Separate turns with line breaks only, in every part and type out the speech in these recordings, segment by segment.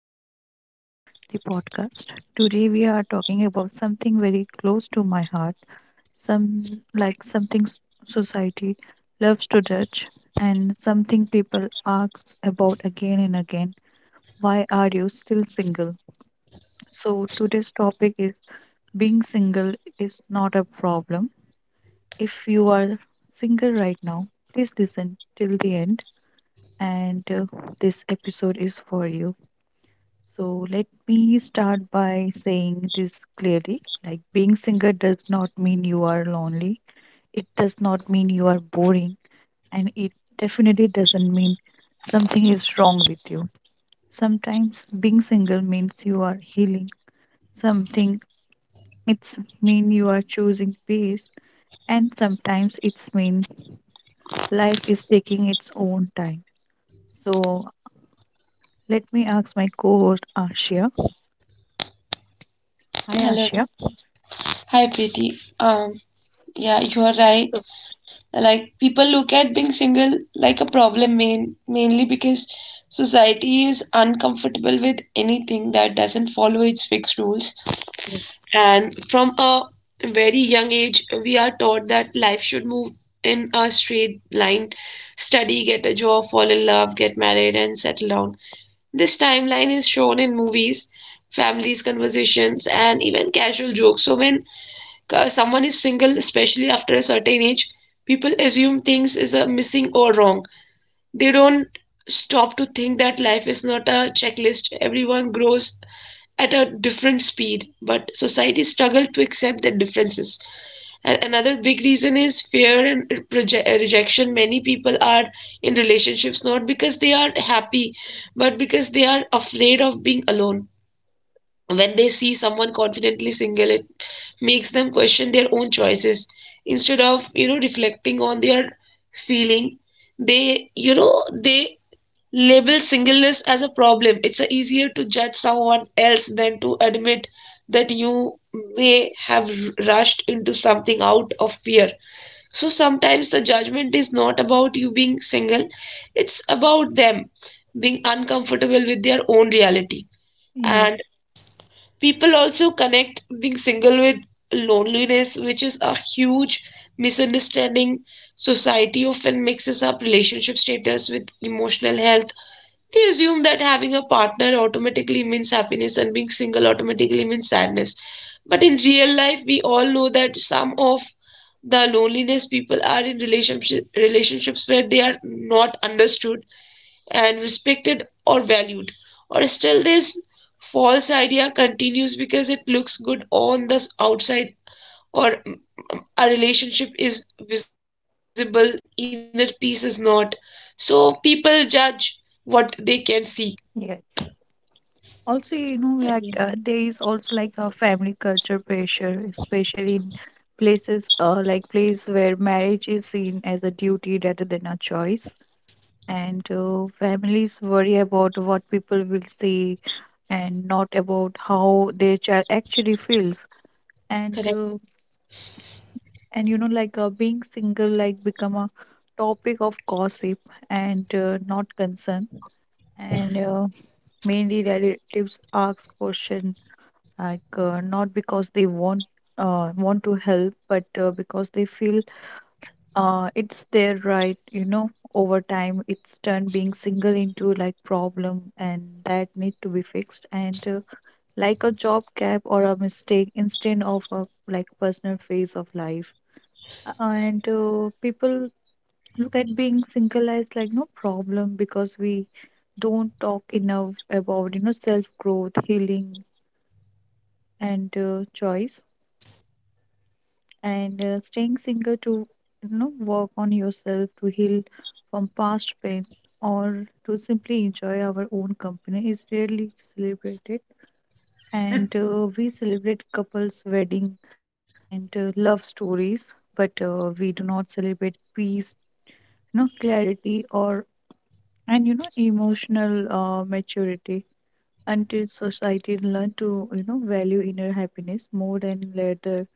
welcome back to the podcast. Today we are talking about something very close to my heart, some like something s- society loves to judge and something people ask about again and again. Why are you still single? So today's topic is being single is not a problem. If you are single right now, please listen till the end and this episode is for you. So let me start by saying this clearly. Like being singer does not mean you are lonely. It does not mean you are boring and it definitely doesn't mean something is wrong with you. Sometimes being single means you are healing something. It's mean you are choosing peace and sometimes it's mean life is taking its own time. So let me ask my co-host Ashia. Hi
hello.
Ashia.
Hi Preeti. Um yeah you are right.
So,
Like, people look at being single like a problem, mainly because society is uncomfortable with anything that doesn't follow its fixed rules.
yes.
And from a very young age, we are taught that life should move in a straight line: study, get a job, fall in love, get married, and settle down. This timeline is shown in movies, families conversations, and even casual jokes. So when someone is single, especially after a certain age, people assume things is a missing or wrong. They don't stop to think that life is not a checklist. Everyone grows at a different speed, but society struggle to accept the differences. And another big reason is fear and rejection. Many people are in relationships not because they are happy, but because they are afraid of being alone. When they see someone confidently single, it makes them question their own choices. Instead of reflecting on their feeling, they label singleness as a problem. It's a easier to judge someone else than to admit that you may have rushed into something out of fear. So sometimes the judgment is not about you being single, it's about them being uncomfortable with their own reality. And
Yes.
people also connect being single with loneliness, which is a huge misunderstanding. Society often mixes up relationship status with emotional health. They assume that having a partner automatically means happiness and being single automatically means sadness. But in real life, we all know that some of the loneliness people are in relationships where they are not understood and respected or valued, or still this false idea continues because it looks good on the outside, or a relationship is visible, inner peace is not. So people judge what they can see.
Yes. Also, you know, there is also like a family culture pressure, especially in places like place where marriage is seen as a duty rather than a choice. And Families worry about what people will say and not about how their child actually feels. And uh, and you know, being single, like become a topic of gossip and not concern. And Mainly relatives ask question not because they want to help but because they feel it's their right, you know. Over time it's turned being single into like problem and that need to be fixed and like a job gap or a mistake instead of a like personal phase of life. And People look at being single as like no problem because we don't talk enough about, you know, self growth healing and choice and staying single to, you know, work on yourself, to heal from past pain or to simply enjoy our own company is rarely celebrated, and we celebrate couples wedding and love stories, but we do not celebrate peace, you know, clarity or, and you know, emotional maturity until society learn to, you know, value inner happiness more than later,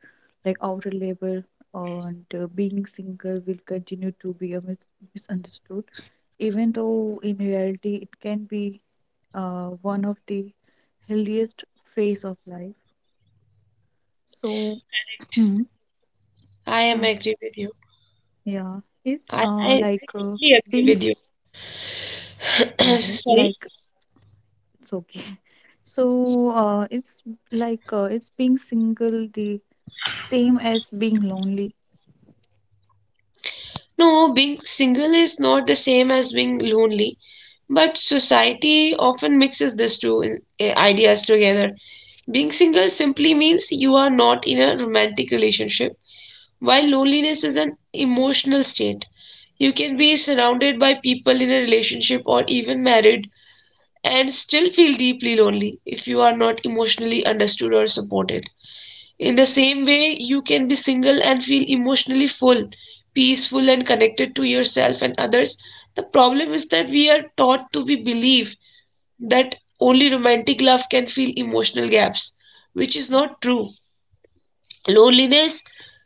like outer label. And Being single will continue to be a misunderstood even though in reality it can be one of the healthiest phase of life. So hmm.
I am
Yeah,
agree with you.
yeah. is
i i, I
like
totally agree
being
with
uh,
you. Sorry.
like It's okay so it's it's being single the same as being lonely.
No, being single is not the same as being lonely, but society often mixes these two ideas together. Being single simply means you are not in a romantic relationship, while loneliness is an emotional state. You can be surrounded by people in a relationship or even married and still feel deeply lonely if you are not emotionally understood or supported. In the same way, you can be single and feel emotionally full, peaceful, and connected to yourself and others. The problem is that we are taught to be believe that only romantic love can fill emotional gaps, which is not true. Loneliness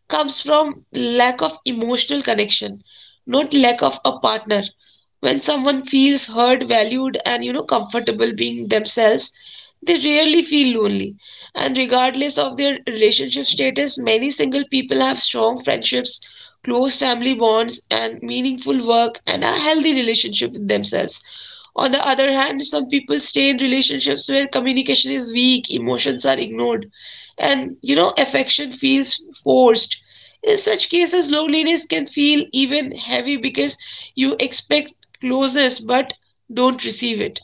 comes from lack of emotional connection, not lack of a partner. When someone feels heard, valued, and comfortable being themselves, they rarely feel lonely. And regardless of their relationship status, many single people have strong friendships, close family bonds, and meaningful work, and a healthy relationship with themselves. On the other hand, some people stay in relationships where communication is weak, emotions are ignored, and affection feels forced. In such cases, loneliness can feel even heavy because you expect closeness but don't receive it.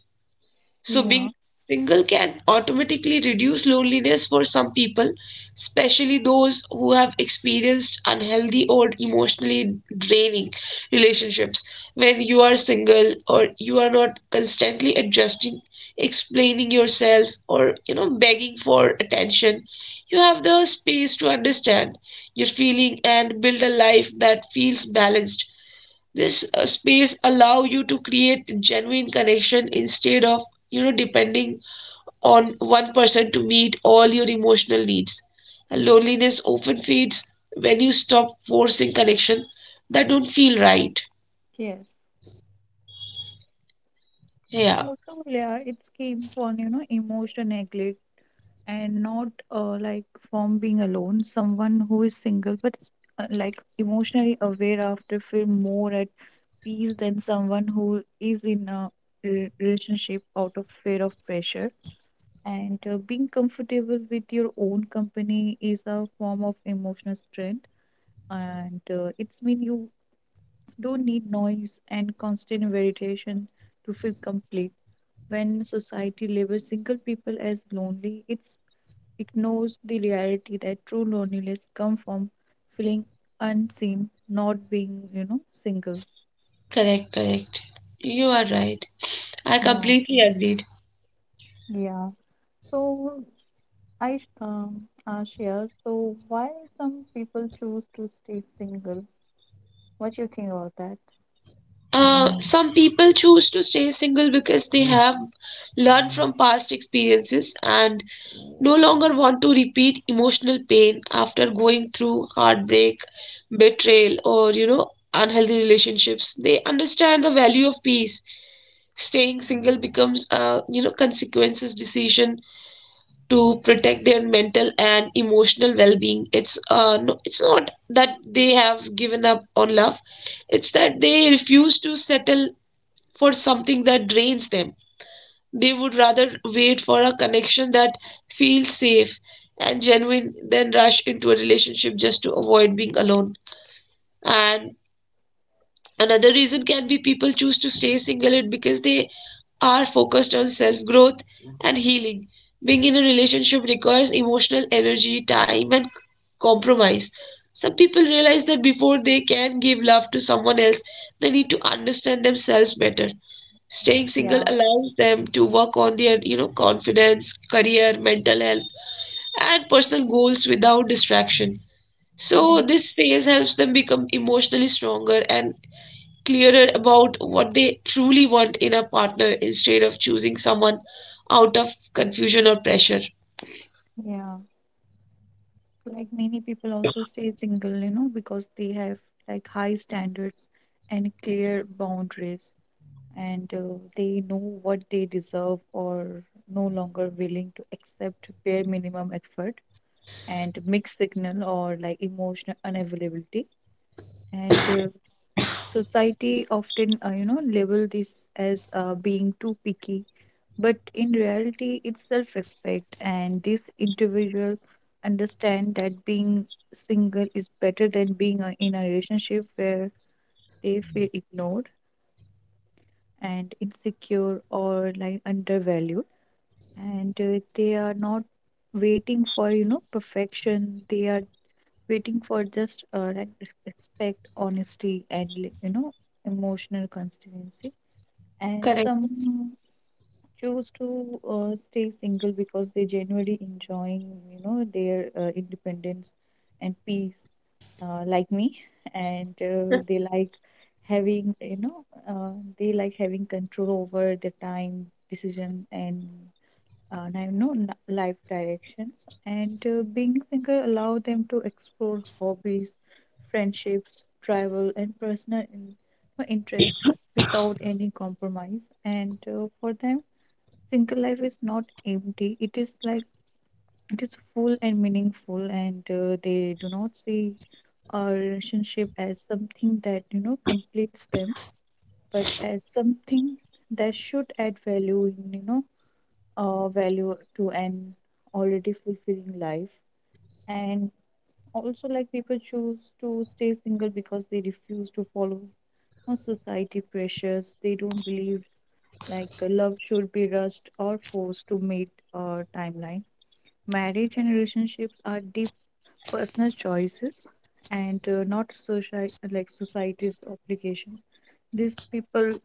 So
Yeah.
being single can automatically reduce loneliness for some people, especially those who have experienced unhealthy or emotionally draining relationships. When you are single, or you are not constantly adjusting, explaining yourself, or begging for attention, you have the space to understand your feeling and build a life that feels balanced. This space allow you to create genuine connection instead of depending on one person to meet all your emotional needs. And loneliness often fades when you stop forcing connection that don't feel right.
Yes.
Yeah.
Also, yeah, it's came from, you know, emotion neglect and not uh, like from being alone. Someone who is single but emotionally aware after feel more at peace than someone who is in a relationship out of fear of pressure, and being comfortable with your own company is a form of emotional strength, and it's mean you don't need noise and constant variation to feel complete. When society labels single people as lonely, it's ignores the reality that true loneliness comes from feeling unseen, not being, you know, single.
Correct, correct, you are right. I
Yeah,
completely agree.
yeah. So I share. So why some people choose to stay single? What you think about that?
Some people choose to stay single because they have learned from past experiences and no longer want to repeat emotional pain after going through heartbreak, betrayal, or unhealthy relationships. They understand the value of peace. Staying single becomes a consequences decision to protect their mental and emotional well-being. It's No, it's not that they have given up on love. It's that they refuse to settle for something that drains them. They would rather wait for a connection that feels safe and genuine than rush into a relationship just to avoid being alone. And another reason can be people choose to stay single and because they are focused on self growth and healing. Being in a relationship requires emotional energy, time, and compromise. Some people realize that before they can give love to someone else, they need to understand themselves better. Staying single
Yeah.
allows them to work on their confidence, career, mental health, and personal goals without distraction. So
Hmm.
this phase helps them become emotionally stronger and clearer about what they truly want in a partner instead of choosing someone out of confusion or pressure.
Yeah. Like many people also stay single, you know, because they have like high standards and clear boundaries. And they know what they deserve or no longer willing to accept bare minimum effort and mixed signal or like emotional unavailability, and society often, you know, label this as being too picky, but in reality it's self-respect, and this individual understand that being single is better than being in a relationship where they feel ignored and insecure or like undervalued, and they are not waiting for, you know, perfection. They are waiting for just respect, honesty and, like, you know, emotional consistency. And
Correct.
some choose to stay single because they genuinely enjoying, you know, their independence and peace, like me, and they like having, you know, they like having control over the time, decision, and life directions. And Being single allow them to explore hobbies, friendships, travel, and personal interest without any compromise. And For them, single life is not empty. It is full and meaningful, and they do not see a relationship as something that, you know, completes them, but as something that should add value in, value to an already fulfilling life. And also, like people choose to stay single because they refuse to follow on society pressures. They don't believe like love should be rushed or forced to meet a timeline. Marriage and relationships are deep personal choices and not society's obligations. These people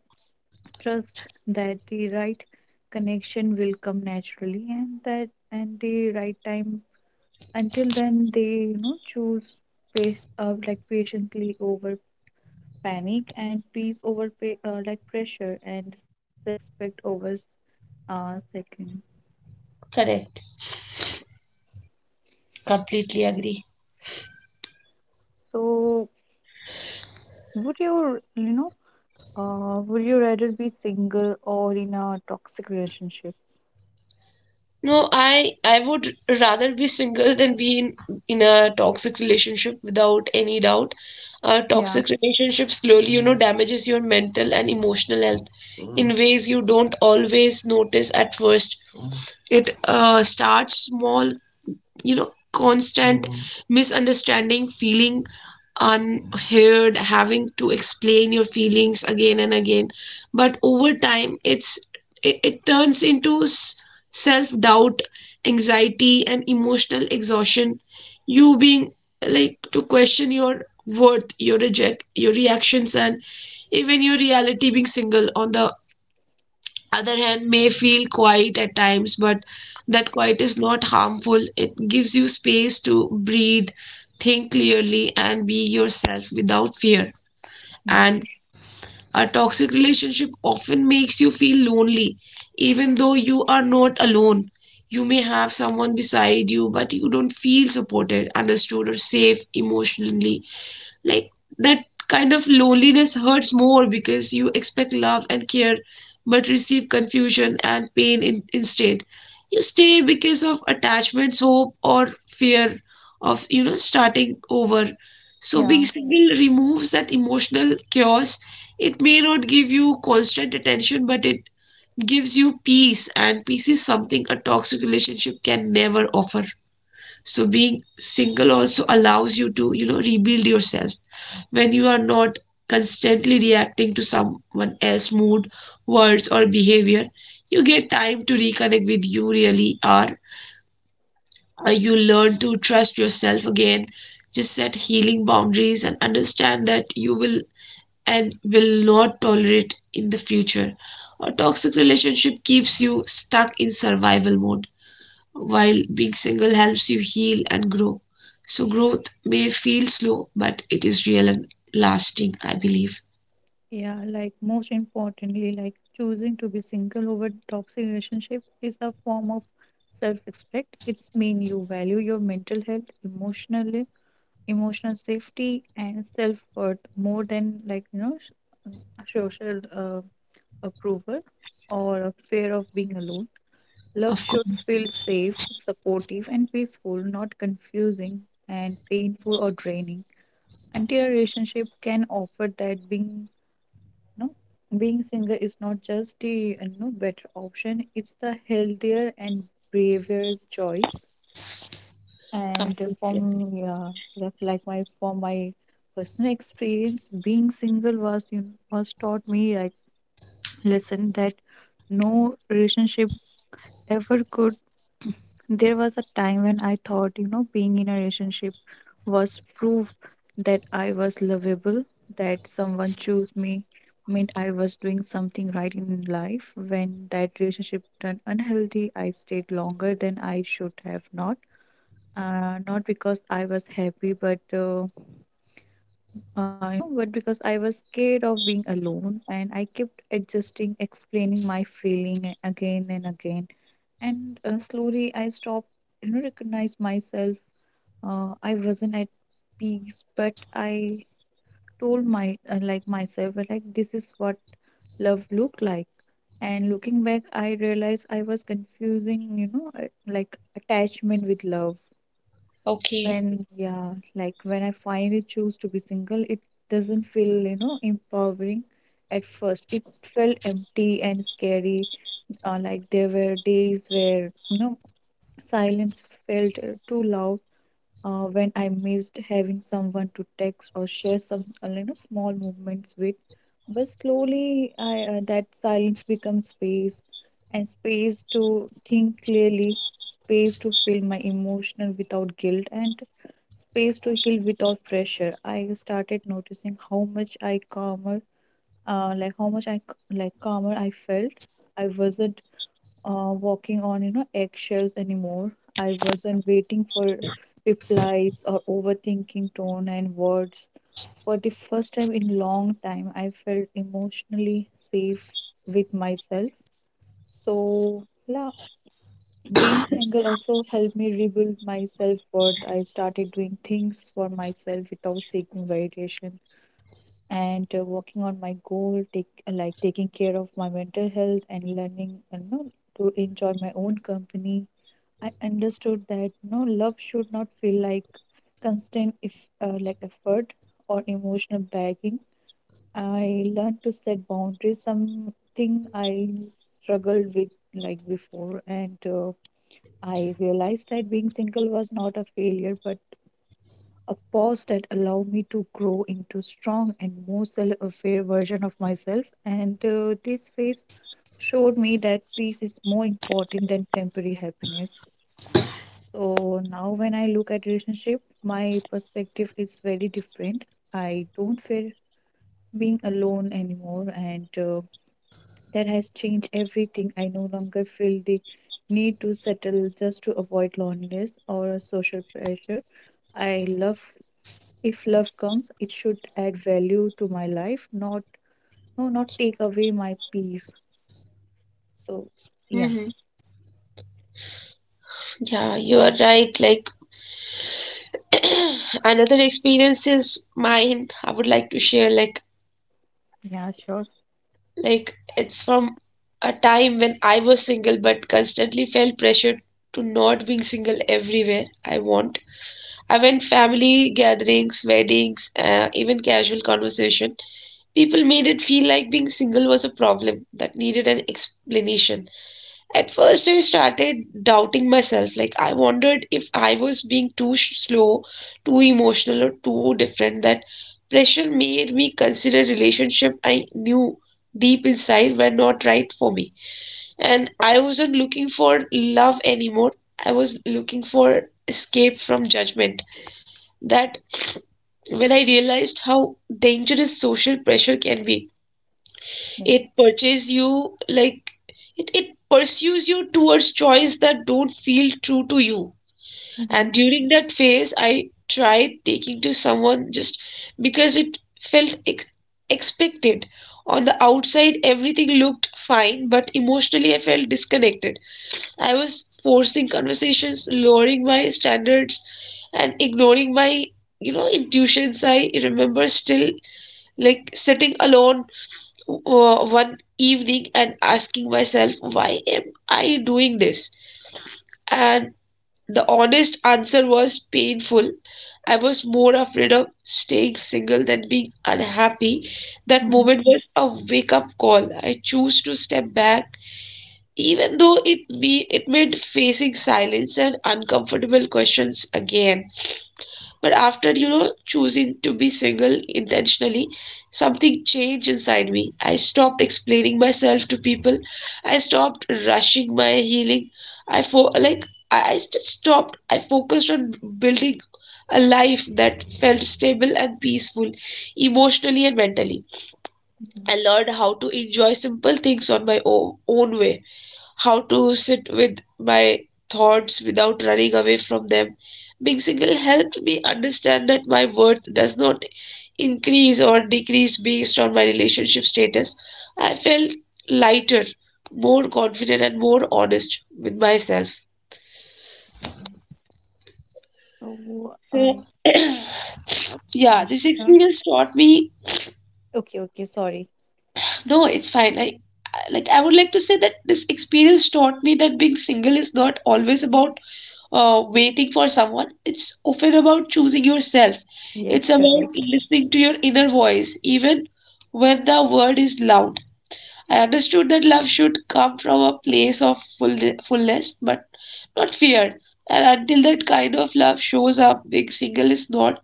trust that the right connection will come naturally and that and the right time. Until then they, you know, choose pace like patiently over panic and peace over pressure and self-respect over second.
Correct. Completely agree.
So would your, you know, would you rather be single or in a toxic relationship?
No, I would rather be single than be in a toxic relationship without any doubt. A
Yeah.
toxic relationship slowly damages your mental and emotional health in ways you don't always notice at first. It starts small, constant misunderstanding, feeling unheard, having to explain your feelings again and again, but over time it turns into self doubt, anxiety, and emotional exhaustion. You being like to question your worth, your reject, your reactions, and even your reality. Being single, on the other hand, may feel quiet at times, but that quiet is not harmful. It gives you space to breathe, think clearly, and be yourself without fear. And
Yes.
a toxic relationship often makes you feel lonely even though you are not alone. You may have someone beside you, but you don't feel supported, understood, or safe emotionally. Like that kind of loneliness hurts more because you expect love and care but receive confusion and pain instead. You stay because of attachments, hope, or fear of starting over. So
Yeah,
being single removes that emotional chaos. It may not give you constant attention, but it gives you peace, and peace is something a toxic relationship can never offer. So being single also allows you to rebuild yourself. When you are not constantly reacting to someone else's mood, words, or behavior, you get time to reconnect with you really are. You learn to trust yourself again, just set healing boundaries, and understand that you will and will not tolerate in the future. A toxic relationship keeps you stuck in survival mode, while being single helps you heal and grow. So, growth may feel slow, but it is real and lasting, I believe.
yeah. Like, most importantly, like choosing to be single over toxic relationship is a form of self-respect. It's mean you value your mental health, emotional safety, and self-worth more than, like you know, social approval or a fear of being alone. Love
Of course.
should feel safe, supportive, and peaceful, not confusing and painful or draining. Anti relationship can offer that being no being single is not just the no better option, it's the healthier and braver choice. And
Completely.
from yeah, like my for my personal experience, being single was, you know, was taught me like lesson that no relationship ever could. There was a time when I thought, you know, being in a relationship was proof that I was lovable, that someone chose me, meant I was doing something right in life. When that relationship turned unhealthy, I stayed longer than I should have not because I was happy, but you know, but because I was scared of being alone, and I kept adjusting, explaining my feeling again and again. And Slowly, I stopped, you know, recognize myself. I wasn't at peace, but I told my myself this is what love looked like. And looking back, I realized I was confusing, you know, like attachment with love.
Okay.
When yeah, like when I finally choose to be single, it doesn't feel, you know, empowering at first. It felt empty and scary. Like there were days where, you know, silence felt too loud, when I missed having someone to text or share some, you know, small moments with. But slowly, I that silence becomes space, and space to think clearly, space to feel my emotion without guilt, and space to heal without pressure. I started noticing how much I calmer, like how much I c- like calmer I felt. I wasn't walking on, you know, eggshells anymore. I wasn't waiting for replies or overthinking tone and words. For the first time in long time, I felt emotionally safe with myself. So yeah, being single also helped me rebuild my self-worth. I started doing things for myself without seeking validation and working on my goal, take like taking care of my mental health and learning, you know, to enjoy my own company. I understood that no love should not feel like constant if like effort or emotional bagging. I learned to set boundaries, something I struggled with like before, and I realized that being single was not a failure, but a pause that allowed me to grow into strong and more self-aware version of myself. And this phase showed me that peace is more important than temporary happiness. So now when I look at relationship, my perspective is very different. I don't feel being alone anymore, and that has changed everything. I no longer feel the need to settle just to avoid loneliness or social pressure. I love If love comes, it should add value to my life, not take away my peace. So yeah.
Hmm. Yeah, you are right. Like, another experience is mine, I would like to share. like
Yeah, sure.
like it's from a time when I was single but constantly felt pressured to not being single everywhere I want. I went family gatherings, weddings, even casual conversation. People made it feel like being single was a problem that needed an explanation. At first, I started doubting myself. Like, I wondered if I was being too slow, too emotional, or too different. That pressure made me consider relationship I knew deep inside were not right for me. And I wasn't looking for love anymore. I was looking for escape from judgment. That when I realized how dangerous social pressure can be.
Yeah.
It purchases you. Like, it pursues you towards choice that don't feel true to you.
Mm-hmm,
And during that phase, I tried taking to someone just because it felt expected. On the outside, everything looked fine, but emotionally, I felt disconnected. I was forcing conversations, lowering my standards, and ignoring my intuitions. I remember still, like, sitting alone one evening and asking myself, why am I doing this? And the honest answer was painful. I was more afraid of staying single than being unhappy. That
mm-hmm,
moment was a wake up call. I chose to step back, even though it me it meant facing silence and uncomfortable questions again. But after choosing to be single intentionally, something changed inside me. I stopped explaining myself to people. I stopped rushing my healing. Like, I just stopped. I focused on building a life that felt stable and peaceful, emotionally and mentally.
mm-hmm.
I learned how to enjoy simple things on my own, own way, how to sit with my thoughts without running away from them. Being single helped me understand that my worth does not increase or decrease based on my relationship status. I felt lighter, more confident, and more honest with myself.
So I,
So, yeah, this
Ashika.
experience taught me.
Okay, okay, sorry.
No, it's fine. Like, I would like to say that this experience taught me that being single is not always about waiting for someone. It's often about choosing yourself.
Yes,
It's about
correct.
listening to your inner voice, even when the world is loud. I understood that love should come from a place of fullness, but not fear. And until that kind of love shows up, being single is not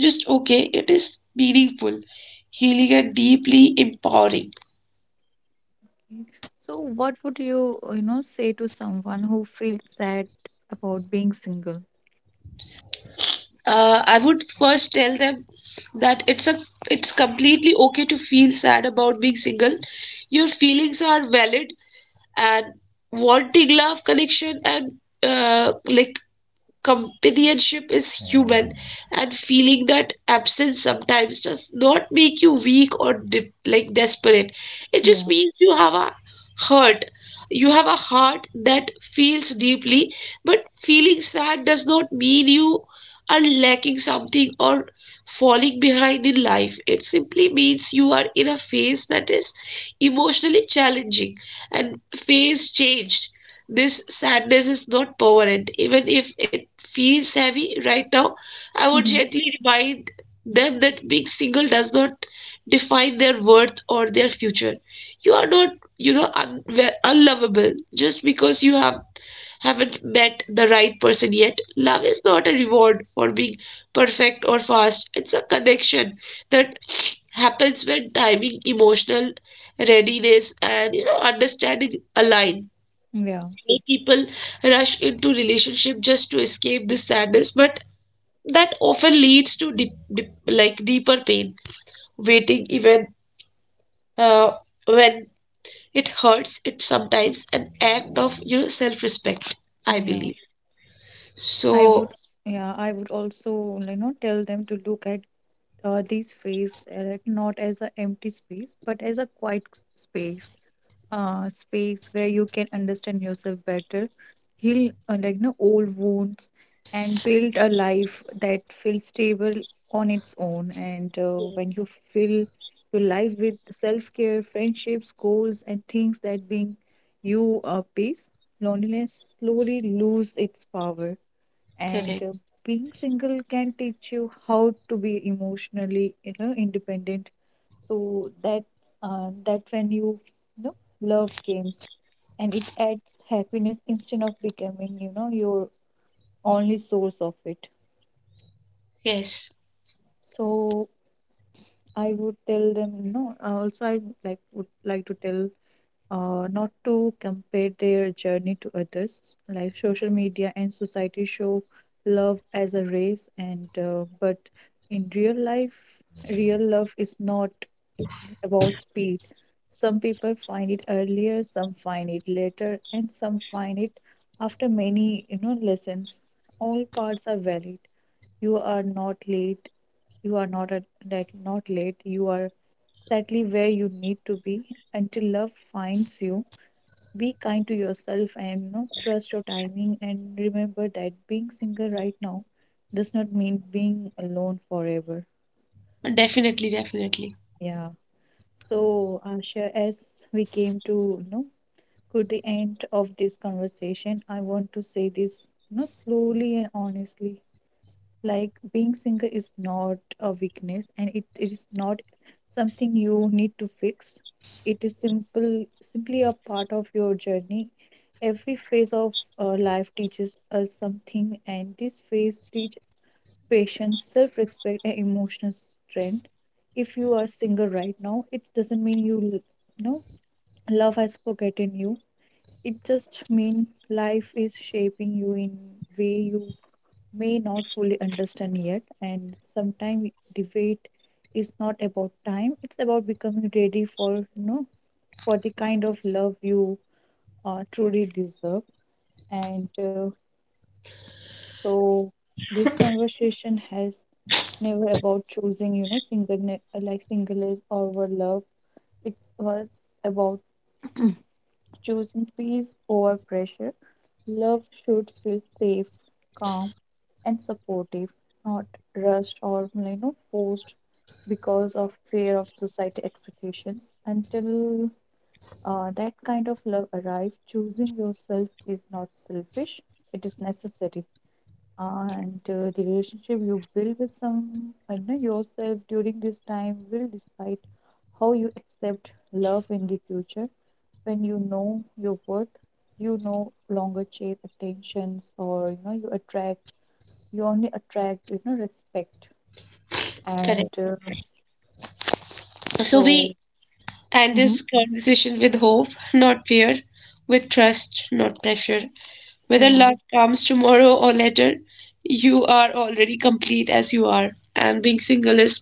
just okay, it is meaningful, healing, and deeply empowering.
Okay. So, what would you, you know, say to someone who feels sad about being single?
I would first tell them that it's completely okay to feel sad about being single. Your feelings are valid, and wanting love, connection, and uh, like companionship is human. And feeling that absence sometimes does not make you weak or desperate. It
Yeah.
just means you have a hurt. You have a heart that feels deeply, but feeling sad does not mean you are lacking something or falling behind in life. It simply means you are in a phase that is emotionally challenging and phase changed. This sadness is not permanent. Even if it feels heavy right now, I would
Mhm.
gently remind them that being single does not define their worth or their future. You are not, you know, un- unlovable just because you have haven't met the right person yet. Love is not a reward for being perfect or fast, it's a connection that happens when timing, emotional readiness, and understanding align.
Yeah.
Many people rush into relationship just to escape this sadness, but that often leads to deeper pain. Waiting even uh, when it hurts, it sometimes an act of self-respect, I
Yeah.
believe.
I
So
would, yeah, I would also, you know, tell them to look at this phase not as an empty space, but as a quiet space. Space where you can understand yourself better, heal like no old wounds, and build a life that feels stable on its own. And When you fill your life with self-care, friendships, goals, and things that bring you peace, loneliness slowly lose its power. And
correct.
being single can teach you how to be emotionally, independent so that when you know love games, and it adds happiness instead of becoming your only source of it.
Yes.
So I would tell them also I would like to tell not to compare their journey to others. Like social media and society show love as a race, and but in real life, real love is not about speed. Some people find it earlier, some find it later, and some find it after many, lessons. All parts are valid. You are not late. You are not at, that not late. You are exactly where you need to be until love finds you. Be kind to yourself and trust your timing, and remember that being single right now does not mean being alone forever.
Definitely, definitely.
Yeah. So, Asha, as we came to you know to the end of this conversation, I want to say this slowly and honestly. Like being single is not a weakness, and it is not something you need to fix. It is simple, simply a part of your journey. Every phase of life teaches us something, and this phase teaches patience, self respect, and emotional strength. If you are single right now, it doesn't mean you, l- you know love has forgotten you. It just means life is shaping you in way you may not fully understand yet. And sometimes debate is not about time; it's about becoming ready for for the kind of love you truly deserve. And so This conversation has never about choosing, single like singleness over love. It was about choosing peace over pressure. Love should feel safe, calm, and supportive, not rushed or forced because of fear of society expectations. Until that kind of love arrives, choosing yourself is not selfish; it is necessary. And The relationship you build with some, I know yourself during this time will decide how you accept love in the future. When you know your worth, you no longer chase attentions or you attract. You only attract respect. And
Correct. So we
so
end
hmm
this conversation with hope, not fear, with trust, not pressure. Whether
Yeah,
love comes tomorrow or later, you are already complete as you are. And being single is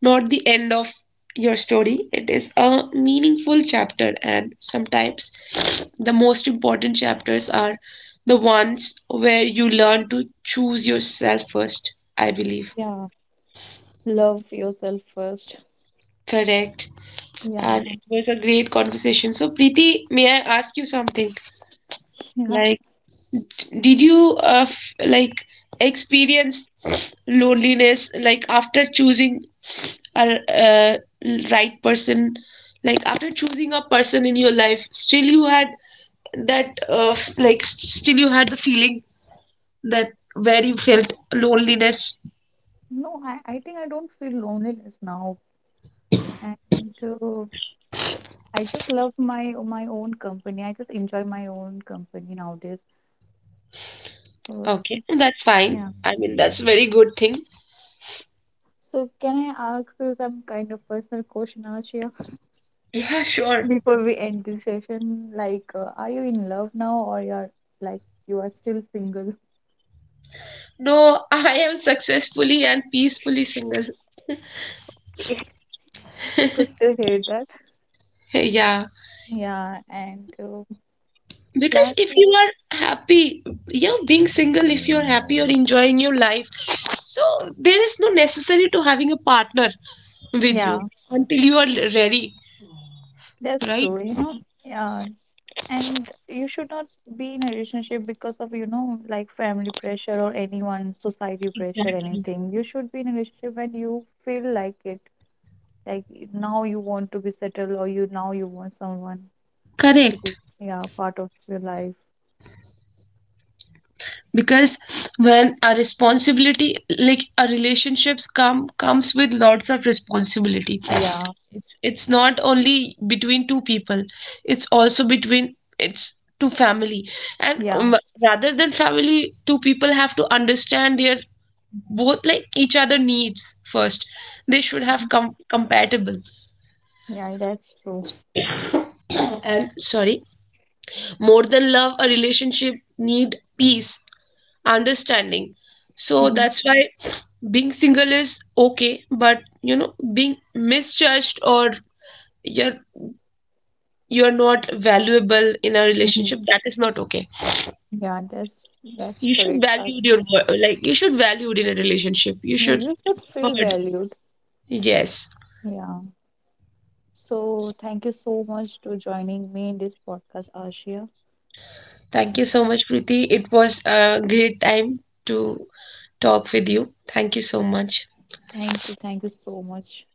not the end of your story, it is a meaningful chapter. And sometimes the most important chapters are the ones where you learn to choose yourself first, I believe.
yeah, love yourself first.
Correct.
Yeah,
And it was a great conversation. So, Preeti, may I ask you something?
yeah.
Like, d- did you experience loneliness like after choosing a right person? Like after choosing a person in your life, still you had that still you had the feeling that where you felt loneliness.
No, I think I don't feel loneliness now. And uh, I just love my own company. I just enjoy my own company nowadays. So
Okay, that's fine.
yeah.
I mean, that's very good thing.
So can I ask you some kind of personal question, Ashia,
Yeah, sure.
before we end this session? Like, are you in love now, or you're like you are still single?
No, I am successfully and peacefully single.
It's good to hear that.
Hey, yeah.
Yeah, and uh,
Because
last,
if you are happy, you're being single, if you're happy, you're enjoying your life. So there is no necessary to having a partner with you
yeah,
until you are ready,
that's
right?
true. You know, yeah, and you should not be in a relationship because of, family pressure or anyone, society pressure, anything. You should be in a relationship when you feel like it. Like now you want to be settled, or you want someone to be,
Correct.
yeah, part of your life.
Because when a responsibility, like a relationships comes with lots of responsibility.
Yeah,
It's not only between two people, it's also between it's two family. And
yeah,
rather than family, two people have to understand their both like each other needs first. They should have
mhm,
compatible.
yeah, that's true.
And sorry, more than love, a relationship need peace, understanding. So
Hmm.
that's why being single is okay, but you know, being misjudged or you're you're not valuable in a
Hmm.
relationship, that is not okay.
Yeah, that's that's
You should
correct.
value your
Yeah.
you should value it. In a relationship you
Yeah,
should
you should feel
heard,
valued.
yes.
Yeah. So thank you so much to joining me in this podcast, Ashia.
Thank you so much, Preeti. It was a great time to talk with you. Thank you so much.
Thank you. Thank you so much.